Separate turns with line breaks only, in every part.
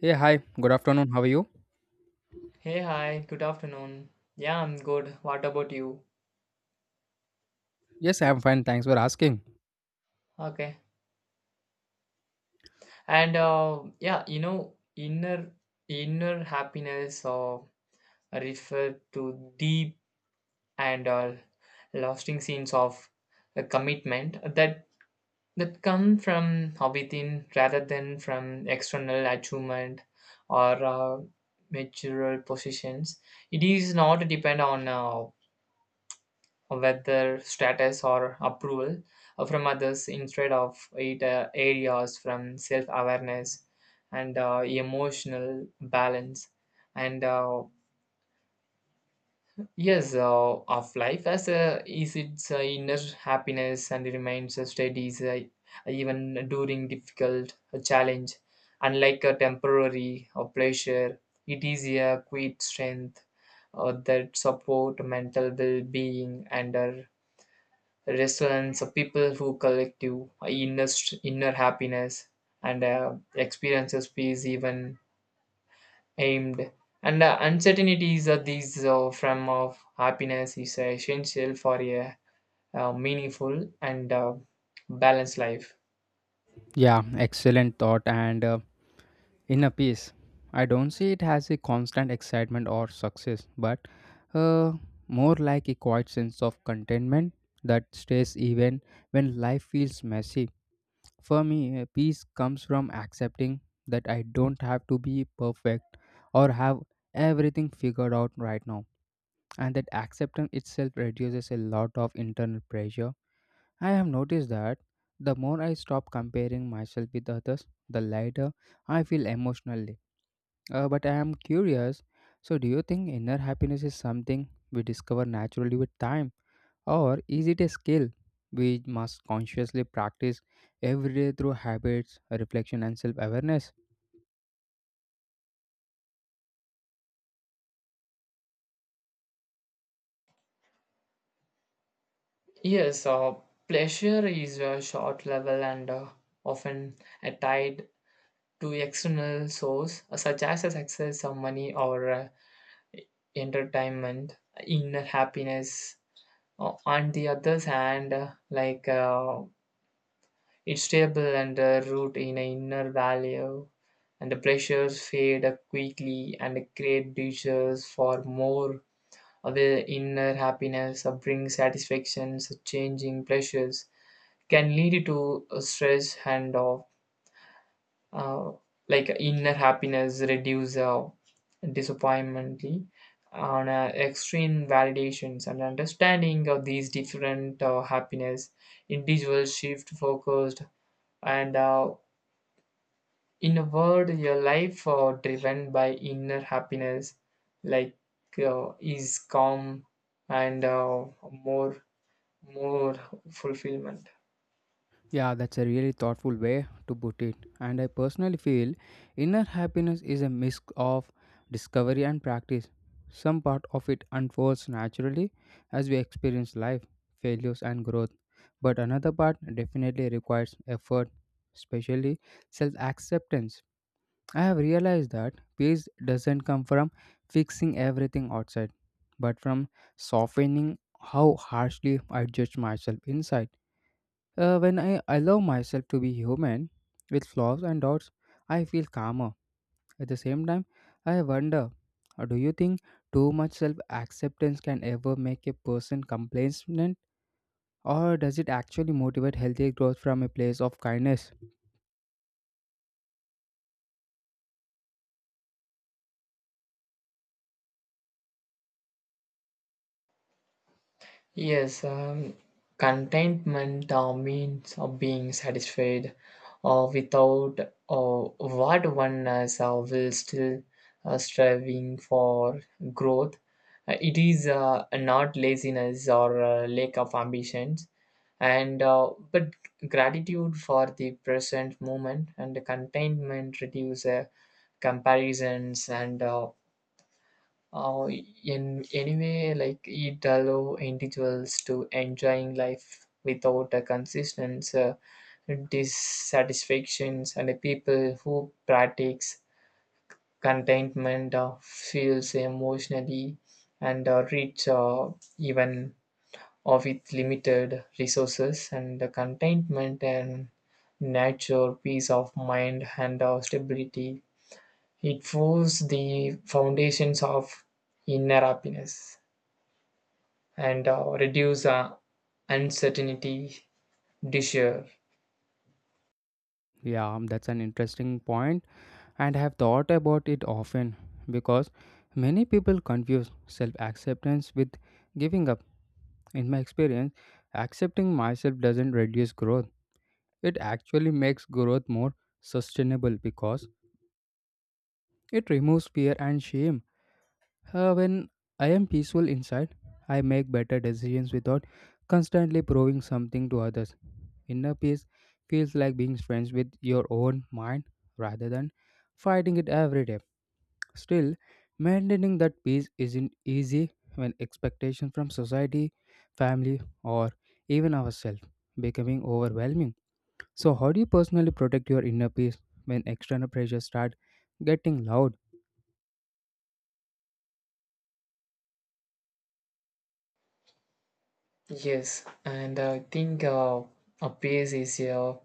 Hey, hi. Good afternoon. How are you?
Hey, hi, good afternoon. Yeah, I'm good. What about you?
Yes, I'm fine. Thanks for asking.
Okay. And yeah, inner happiness refer to deep and lasting scenes of commitment that come from within rather than from external achievement or material positions. It is not depend on whether status or approval from others, instead of it areas from self awareness and emotional balance, and yes of life as a, is its inner happiness and remains steady is, even during difficult challenge, unlike a temporary or pleasure. It is a quiet strength that support mental well-being and restaurants of people who collect you inner happiness and experiences peace even aimed and uncertainties are these from of happiness is essential for a, meaningful and balanced life.
Yeah, excellent thought and inner peace. I don't see it as a constant excitement or success, but uh, more like a quiet sense of contentment that stays even when life feels messy. For me, peace comes from accepting that I don't have to be perfect or have everything figured out right now, and that acceptance itself reduces a lot of internal pressure. I have noticed that the more I stop comparing myself with others, the lighter I feel emotionally. But I am curious, so do you think inner happiness is something we discover naturally with time, or is it a skill we must consciously practice every day through habits, reflection, and self awareness?
Yes, pleasure is a short level and often tied to external source such as a success or money or entertainment. Inner happiness, on the other hand, like it's stable and root in an inner value, and the pressures fade quickly and create dishes for more of the inner happiness or bring satisfactions. Changing pressures can lead to stress and of uh, like inner happiness reduce disappointment on extreme validations, and understanding of these different happiness individuals shift focused, and in a word your life driven by inner happiness like is calm and more more fulfillment.
Yeah, that's a really thoughtful way to put it. And I personally feel inner happiness is a mix of discovery and practice. Some part of it unfolds naturally as we experience life, failures, and growth. But another part definitely requires effort, especially self acceptance. I have realized that peace doesn't come from fixing everything outside, but from softening how harshly I judge myself inside. When I allow myself to be human with flaws and doubts, I feel calmer. At the same time, I wonder, do you think too much self acceptance can ever make a person complacent, or does it actually motivate healthy growth from a place of kindness?
Yes, contentment means of being satisfied or without or what one is will still striving for growth. It is not laziness or lack of ambitions, and but gratitude for the present moment, and the contentment reduce comparisons and uh, in anyway, like it allow individuals to enjoying life without a consistent dissatisfactions, and the people who practice contentment feels emotionally and rich even or with limited resources, and the contentment and nature, peace of mind, and stability. It forms the foundations of inner happiness and reduce uncertainty, desire.
Yeah, that's an interesting point, and I have thought about it often because many people confuse self acceptance with giving up. In my experience, accepting myself doesn't reduce growth. It actually makes growth more sustainable because it removes fear and shame. When I am peaceful inside, I make better decisions without constantly proving something to others. Inner peace feels like being friends with your own mind rather than fighting it every day. Still, maintaining that peace isn't easy when expectations from society, family, or even ourselves becoming overwhelming. So, how do you personally protect your inner peace when external pressures start getting loud?
Yes, and I think a peace is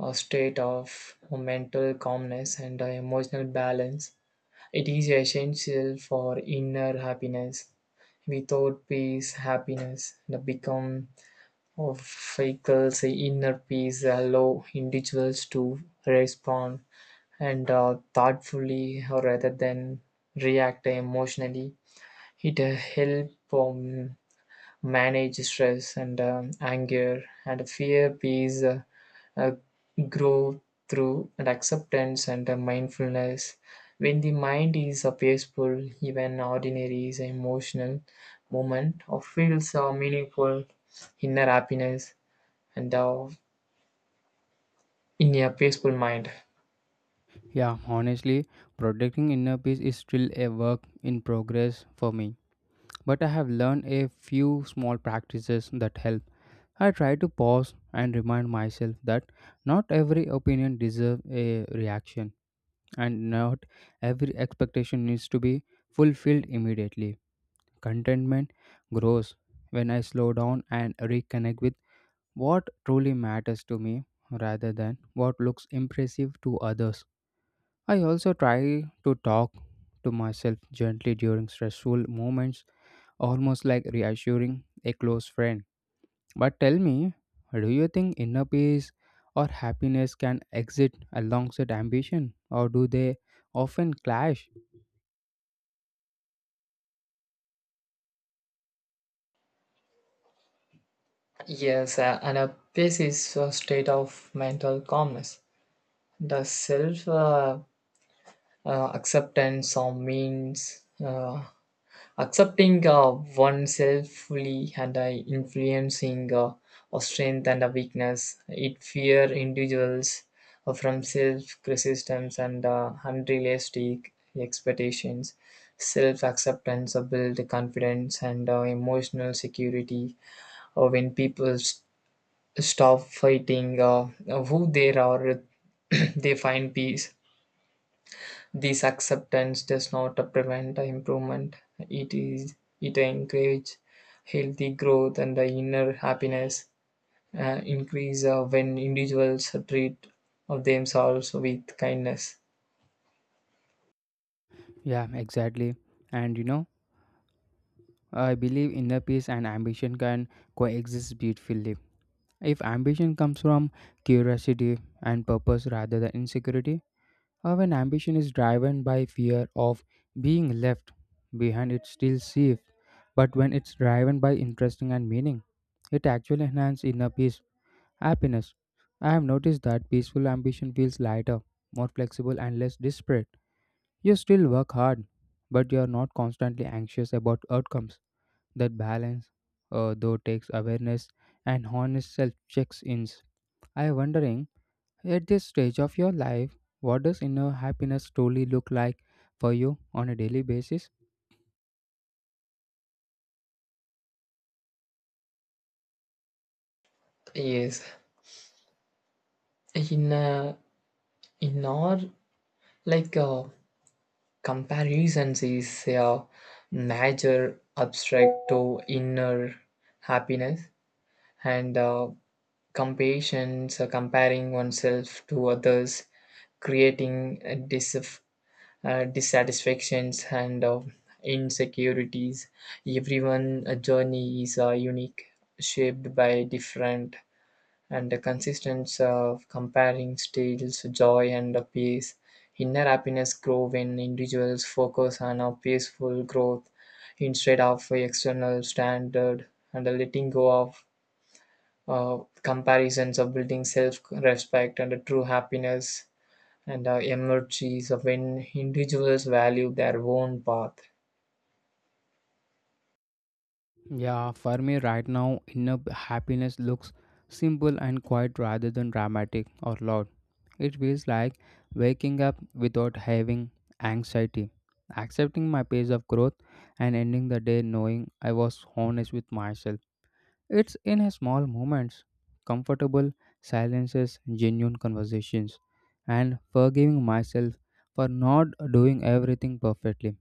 a state of mental calmness and emotional balance. It is essential for inner happiness. Without peace, happiness that become of vehicles. Inner peace allow individuals to respond and thoughtfully rather than react emotionally. It helps manage stress and anger and fear. Peace uh, grow through and acceptance and mindfulness. When the mind is peaceful, even ordinary is an emotional moment or feels meaningful inner happiness and in a peaceful mind.
Yeah, honestly, protecting inner peace is still a work in progress for me, but I have learned a few small practices that help. I try to pause and remind myself that not every opinion deserves a reaction, and not every expectation needs to be fulfilled immediately. Contentment grows when I slow down and reconnect with what truly matters to me rather than what looks impressive to others. I also try to talk to myself gently during stressful moments, almost like reassuring a close friend. But tell me, do you think inner peace or happiness can exist alongside ambition, or do they often clash?
Yes, and a peace is a state of mental calmness. The self acceptance means accepting oneself fully and influencing a strength and a weakness. It fear individuals from self-criticism and unrealistic expectations. Self-acceptance build confidence and emotional security. When people stop fighting who they are, they find peace. This acceptance does not prevent improvement, it encourages healthy growth, and the inner happiness increase when individuals treat of themselves with kindness.
Yeah, exactly. And you know, I believe inner peace and ambition can coexist beautifully if ambition comes from curiosity and purpose rather than insecurity, or when ambition is driven by fear of being left behind, it's still safe. But when it's driven by interest and meaning, it actually enhances inner peace, happiness. I have noticed that peaceful ambition feels lighter, more flexible, and less desperate. You still work hard, but you are not constantly anxious about outcomes. That balance, though, takes awareness and honest self checks in. I am wondering, at this stage of your life, what does inner happiness truly look like for you on a daily basis?
Yes, in uh, in our like comparisons is a major abstract to inner happiness and Compassion, so comparing oneself to others, creating dissatisfactions and insecurities. Everyone' journey is unique, shaped by different and the consistence of comparing stages, joy and peace. Inner happiness grow when individuals focus on a peaceful growth instead of a external standard, and a letting go of comparisons of building self-respect, and true happiness and emerges when individuals value their own path.
Yeah, for me right now, inner happiness looks simple and quiet rather than dramatic or loud. It feels like waking up without having anxiety, accepting my pace of growth, and ending the day knowing I was honest with myself. It's in a small moments, comfortable silences, genuine conversations, and forgiving myself for not doing everything perfectly.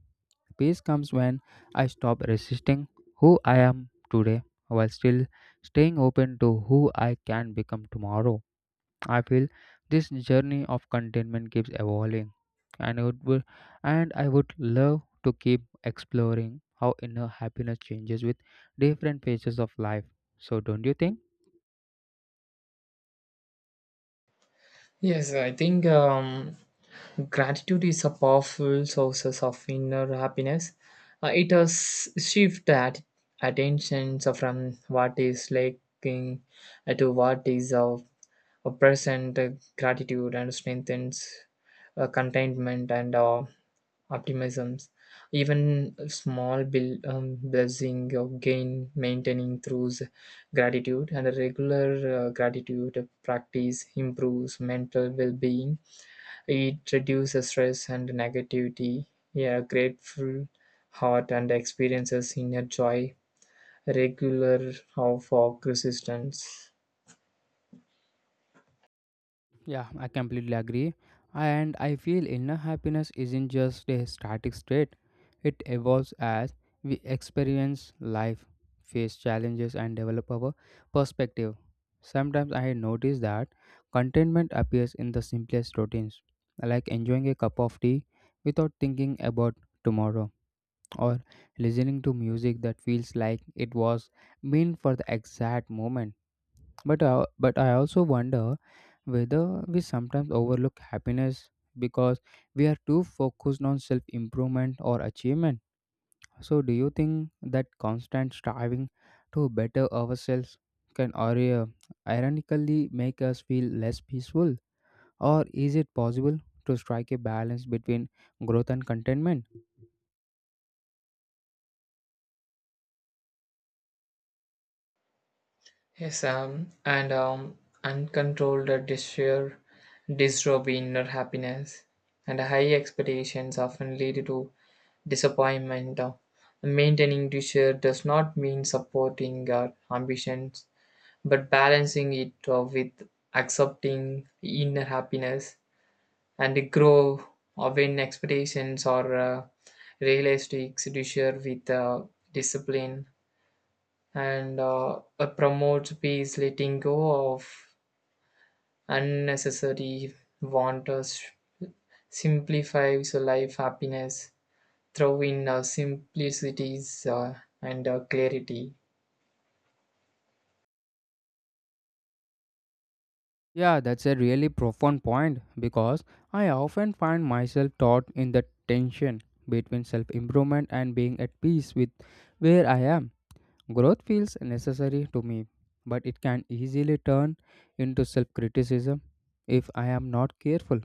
Peace comes when I stop resisting who I am today while still staying open to who I can become tomorrow. I feel this journey of contentment keeps evolving, and it would, and I would love to keep exploring how inner happiness changes with different phases of life. So, don't you think?
Yes, I think gratitude is a powerful source of inner happiness. It has shift at attention from what is lacking to what is of a present. Gratitude and strengthens contentment and optimisms. Even small bill, blessing of gain maintaining through gratitude, and a regular gratitude practice improves mental well-being. It reduces stress and negativity. Yeah, a grateful heart and experiences inner joy regular of our resistance.
Yeah, I completely agree. And I feel inner happiness isn't just a static state, it evolves as we experience life, face challenges, and develop our perspective. Sometimes I notice that contentment appears in the simplest routines, like enjoying a cup of tea without thinking about tomorrow, or listening to music that feels like it was meant for the exact moment, but I also wonder whether we sometimes overlook happiness because we are too focused on self improvement or achievement. So, do you think that constant striving to better ourselves can, or ironically make us feel less peaceful? Or is it possible to strike a balance between growth and contentment?
Yes, and uncontrolled desire, disrobe inner happiness, and high expectations often lead to disappointment. Maintaining desire does not mean supporting our ambitions, but balancing it with accepting inner happiness and grow when expectations are realistic. Desire with discipline and promotes peace. Letting go of unnecessary wanters, simplifies life happiness, throw in simplicities and clarity.
Yeah, that's a really profound point because I often find myself caught in the tension between self improvement and being at peace with where I am. Growth feels necessary to me, but it can easily turn into self criticism if I am not careful.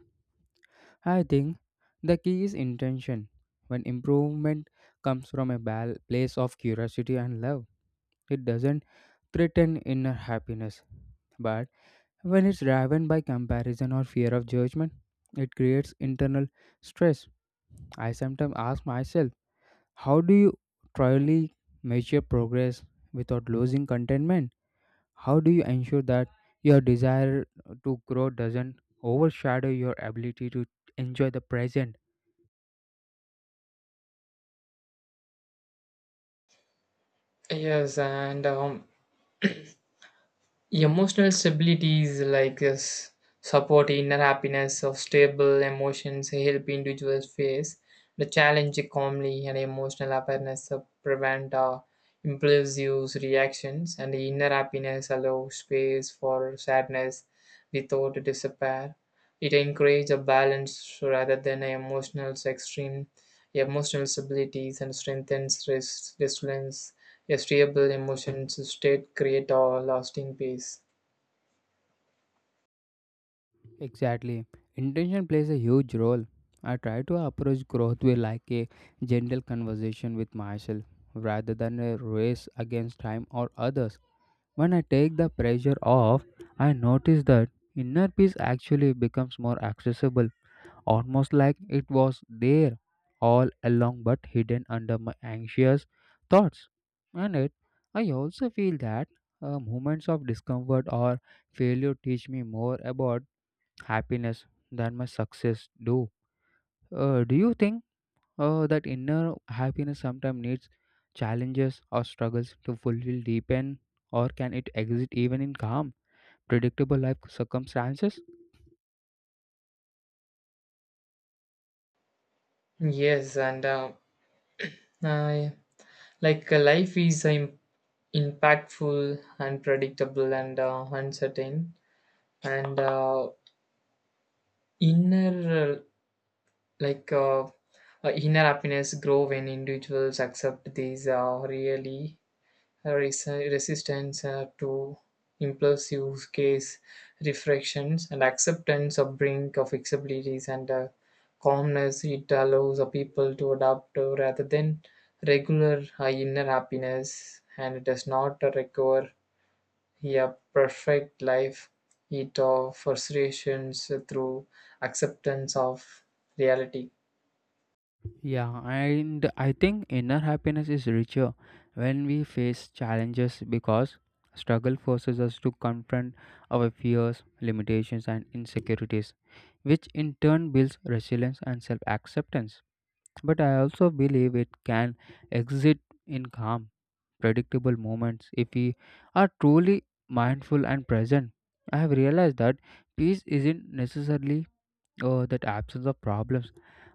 I think the key is intention. When improvement comes from a place of curiosity and love, it doesn't threaten inner happiness, but when it's driven by comparison or fear of judgment, it creates internal stress. I sometimes ask myself, how do you truly measure progress without losing contentment? How do you ensure that your desire to grow doesn't overshadow your ability to enjoy the present?
Yes, and Emotional stability is like a support inner happiness of stable emotions. Help individuals face the challenge calmly, and emotional awareness of prevent impulsive reactions, and the inner happiness allows space for sadness without despair. It encourages a balance rather than an emotional extreme. Emotional stability and strengthens resilience. A stable emotion state create a lasting peace.
Exactly. Intention plays a huge role. I try to approach growth with like a gentle conversation with myself rather than a race against time or others. When I take the pressure off, I notice that inner peace actually becomes more accessible, almost like it was there all along but hidden under my anxious thoughts. And I also feel that, moments of discomfort or failure teach me more about happiness than my success do. Do you think, that inner happiness sometimes needs challenges or struggles to fully deepen, or can it exist even in calm, predictable life circumstances?
Yes, and I, like life is impactful, unpredictable, and uncertain. And inner like inner happiness grow when individuals accept these really resistance to impulsive case refractions, and acceptance of brink of flexibilities and calmness. It allows a people to adapt rather than regular inner happiness, and it does not require a perfect life. It offers frustrations through acceptance of reality.
Yeah, and I think inner happiness is richer when we face challenges because struggle forces us to confront our fears, limitations, and insecurities, which in turn builds resilience and self acceptance. But I also believe it can exist in calm, predictable moments if we are truly mindful and present. I have realized that peace isn't necessarily or that absence of problems,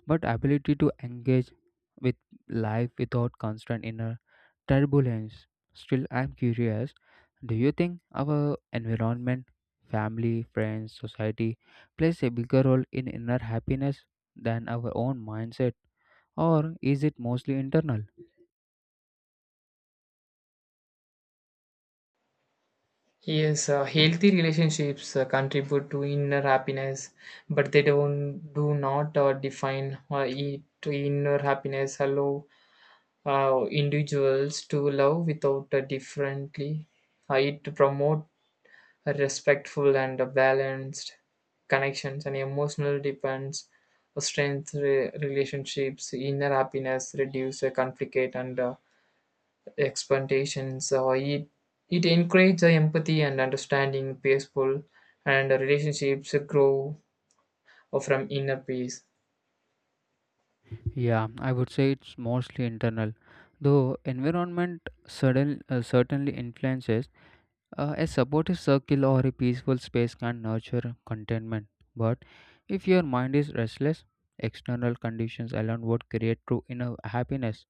but ability to engage with life without constant inner turbulence. Still, I'm curious, do you think our environment, family, friends, society plays a bigger role in inner happiness than our own mindset, or is it mostly internal?
Yes, healthy relationships contribute to inner happiness, but they don't do not define it. To inner happiness allow individuals to love without differently. It to promote a respectful and a balanced connections and emotional depends, strength relationships, inner happiness, reduce conflict and expectations. So it encourages empathy and understanding. Peaceful and relationships grow from inner peace.
Yeah, I would say it's mostly internal, though environment certainly influences. A supportive circle or a peaceful space can nurture contentment, but if your mind is restless, external conditions alone would create true inner happiness.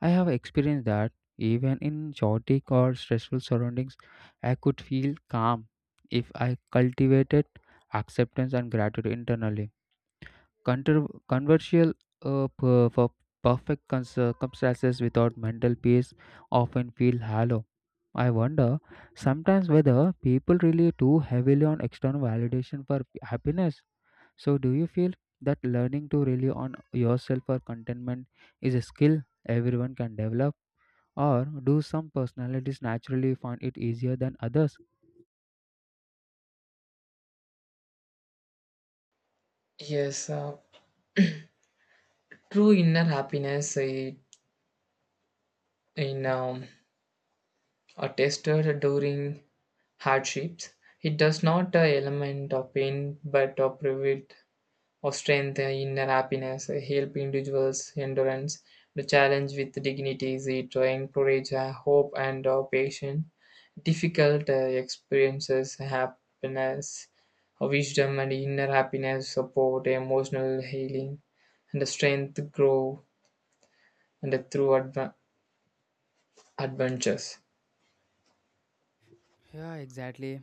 I have experienced that even in chaotic or stressful surroundings, I could feel calm if I cultivated acceptance and gratitude internally. Controversial for circumstances without mental peace often feel hollow. I wonder sometimes whether people rely too heavily on external validation for happiness. So, do you feel that learning to rely on yourself for contentment is a skill everyone can develop, or do some personalities naturally find it easier than others?
Yes, true inner happiness in are tested during hardships. It does not element of pain, but of private or strength, and inner happiness, help individuals endurance the challenge with dignity, is it to encourage hope and patience. Difficult experiences, happiness, wisdom, and inner happiness support emotional healing, and the strength grow and the through adventures.
Yeah, exactly.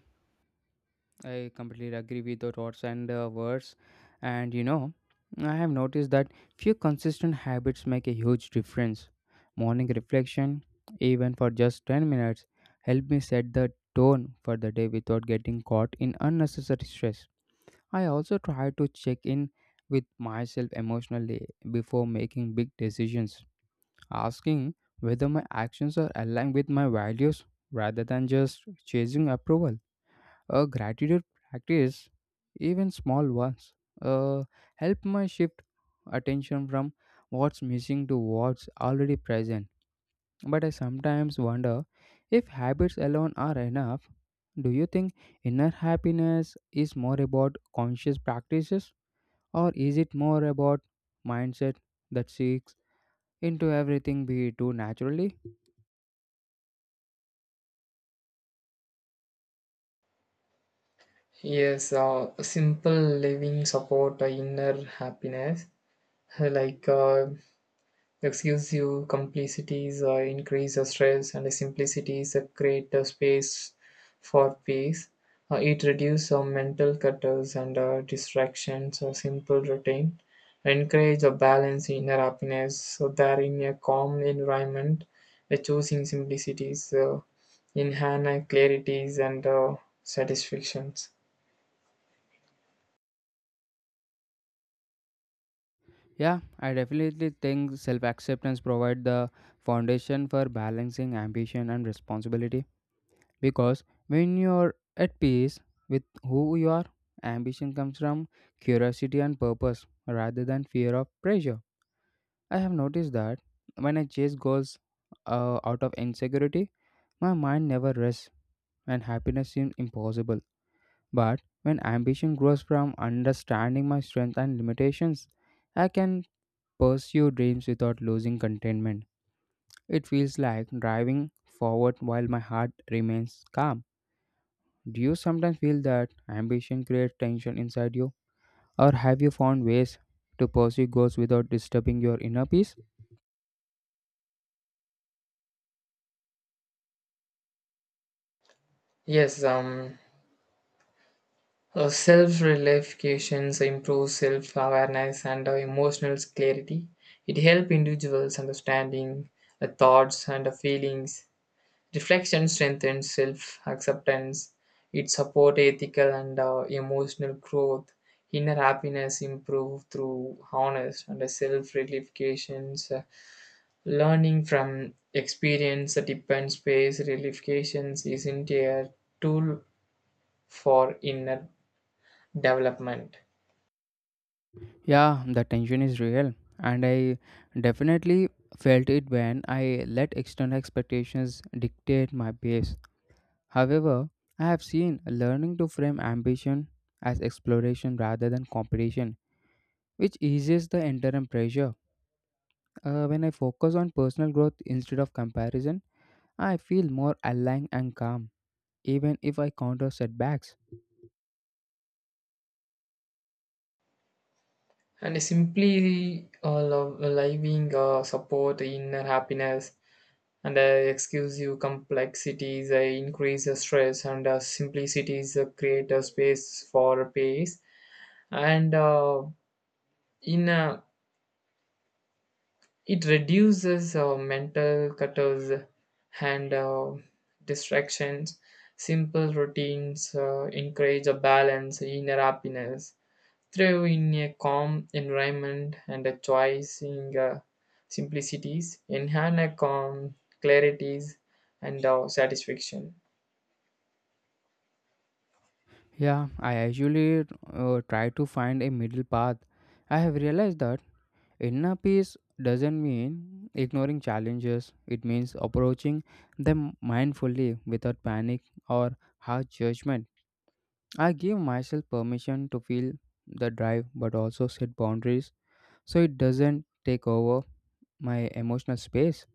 I completely agree with your thoughts and words. And you know, I have noticed that few consistent habits make a huge difference. Morning reflection, even for just 10 minutes, help me set the tone for the day without getting caught in unnecessary stress. I also try to check in with myself emotionally before making big decisions, asking whether my actions are aligned with my values rather than just chasing approval. A gratitude practice, even small ones, uh, help my shift attention from what's missing to what's already present. But I sometimes wonder if habits alone are enough. Do you think inner happiness is more about conscious practices or is it more about mindset that seeks into everything we do naturally?
Yes, simple living support inner happiness. Like Exclusive complicities increase the stress, and the simplicities create a space for peace. It reduces mental cutters and distractions. A simple routine, encourage a balance in inner happiness, so that in a calm environment, the choosing simplicities enhance clarities and satisfactions.
Yeah, I definitely think self-acceptance provides the foundation for balancing ambition and responsibility because when you're at peace with who you are, ambition comes from curiosity and purpose rather than fear of pressure. I have noticed that when I chase goals, out of insecurity, my mind never rests and happiness seems impossible. But when ambition grows from understanding my strengths and limitations, I can pursue dreams without losing contentment. It feels like driving forward while my heart remains calm. Do you sometimes feel that ambition creates tension inside you? Or have you found ways to pursue goals without disturbing your inner peace?
Yes, Self relification improve self awareness and emotional clarity. It helps individuals understanding the thoughts and the feelings. Reflection strengthens self acceptance. It supports ethical and emotional growth. Inner happiness improves through honest and self relifications. Learning from experience that depends space relifications isn't a tool for inner development.
Yeah, the tension is real, and I definitely felt it when I let external expectations dictate my pace. However, I have seen learning to frame ambition as exploration rather than competition which eases the interim pressure. When I focus on personal growth instead of comparison, I feel more aligned and calm, even if I counter setbacks.
And simply love, living support inner happiness, and exclusive complexities increase the stress, and simplicities create a space for peace, and in it reduces mental cutters and distractions. Simple routines encourage a balance inner happiness, thrive in a calm environment, and a choice in simplicities, enhance a calm clarities and satisfaction.
Yeah, I usually try to find a middle path. I have realized that inner peace doesn't mean ignoring challenges, it means approaching them mindfully without panic or harsh judgment. I give myself permission to feel the drive but also set boundaries so it doesn't take over my emotional space.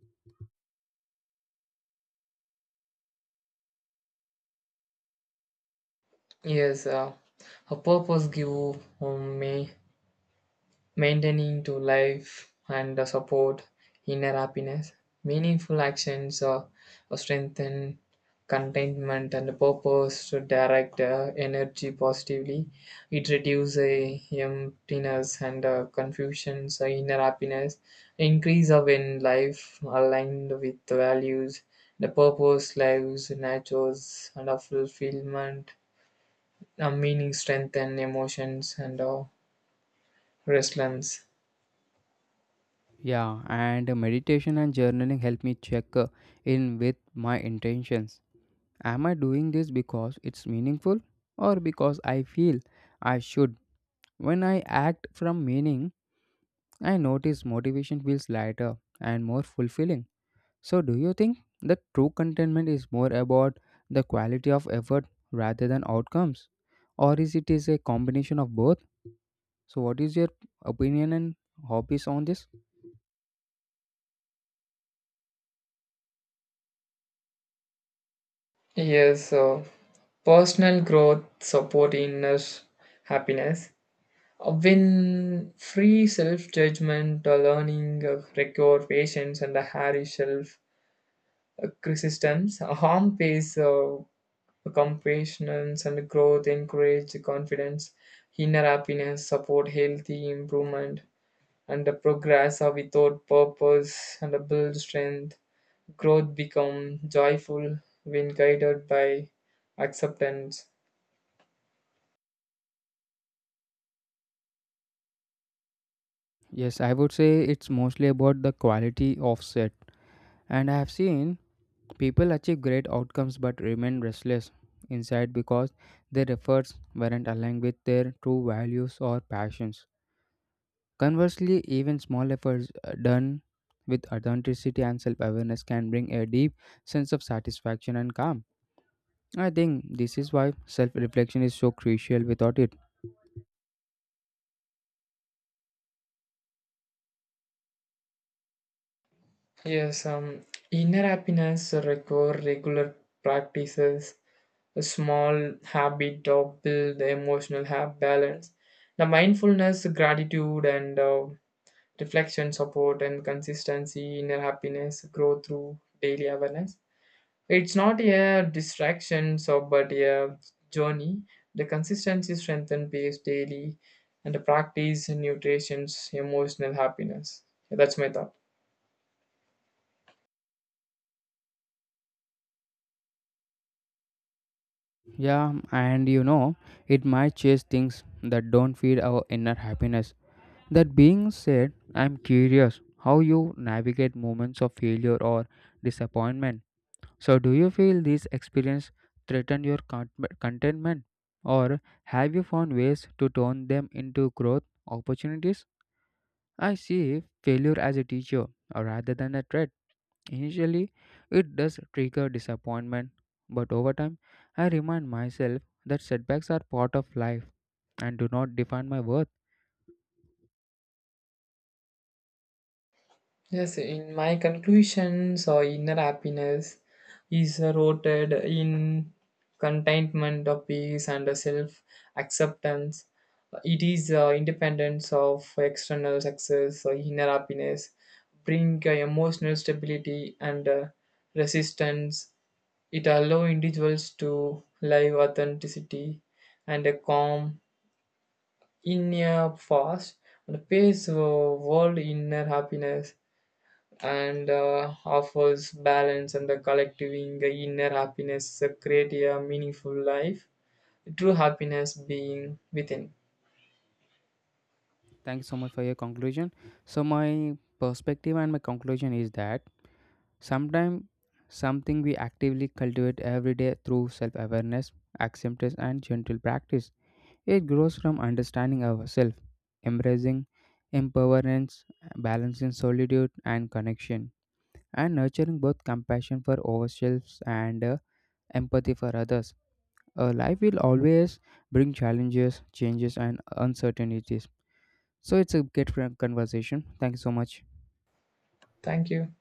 Yes, a purpose give me maintaining to life and support inner happiness. Meaningful actions strengthen contentment, and purpose to direct energy positively. It reduces emptiness and confusion, so inner happiness increase of in life aligned with the values, the purpose, lives, natures, and a fulfillment, a meaning, strength, and emotions, and resilience.
Yeah, and meditation and journaling help me check, in with my intentions. Am I doing this because it's meaningful or because I feel I should? When I act from meaning, I notice motivation feels lighter and more fulfilling. So, do you think that true contentment is more about the quality of effort rather than outcomes? Or is it is a combination of both? So, what is your opinion and hobbies on this?
Yes, so Personal growth support inner happiness. When free self-judgment, learning, require patience, and a hairy self criticisms, harm pays compassion and growth, encourage confidence. Inner happiness, support healthy improvement, and the progress without purpose and build strength. Growth become joyful when guided by acceptance.
Yes, I would say it's mostly about the quality offset. And I have seen people achieve great outcomes but remain restless inside because their efforts weren't aligned with their true values or passions. Conversely, even small efforts, done with authenticity and self awareness can bring a deep sense of satisfaction and calm. I think this is why self reflection is so crucial without it.
Yes, inner happiness require regular practices, a small habit of build emotional hap balance. The mindfulness, gratitude, and reflection support and consistency inner happiness grow through daily awareness. It's not a distraction, so but a journey. The consistency strengthen pace daily, and the practice nutrition's emotional happiness. Yeah, that's my thought.
Yeah, and you know, it might chase things that don't feed our inner happiness. That being said, I'm curious how you navigate moments of failure or disappointment. So, do you feel these experiences threaten your contentment, or have you found ways to turn them into growth opportunities? I see failure as a teacher, rather than a threat. Initially, it does trigger disappointment, but over time, I remind myself that setbacks are part of life and do not define my worth.
Yes, in my conclusions, or inner happiness is rooted in contentment of peace and self acceptance. It is independence of external success, or inner happiness, bring emotional stability and resistance. It allows individuals to live authenticity and a calm in a fast and paced world. Inner happiness and offers balance and the collecting inner happiness create a meaningful life true happiness being within.
Thank you so much for your conclusion. So my perspective and my conclusion is that sometimes something we actively cultivate every day through self-awareness, acceptance and gentle practice. It grows from understanding ourselves, embracing impermanence, balancing solitude and connection, and nurturing both compassion for ourselves and, empathy for others. A life will always bring challenges, changes and uncertainties so it's a great conversation. Thank you so much.
Thank you.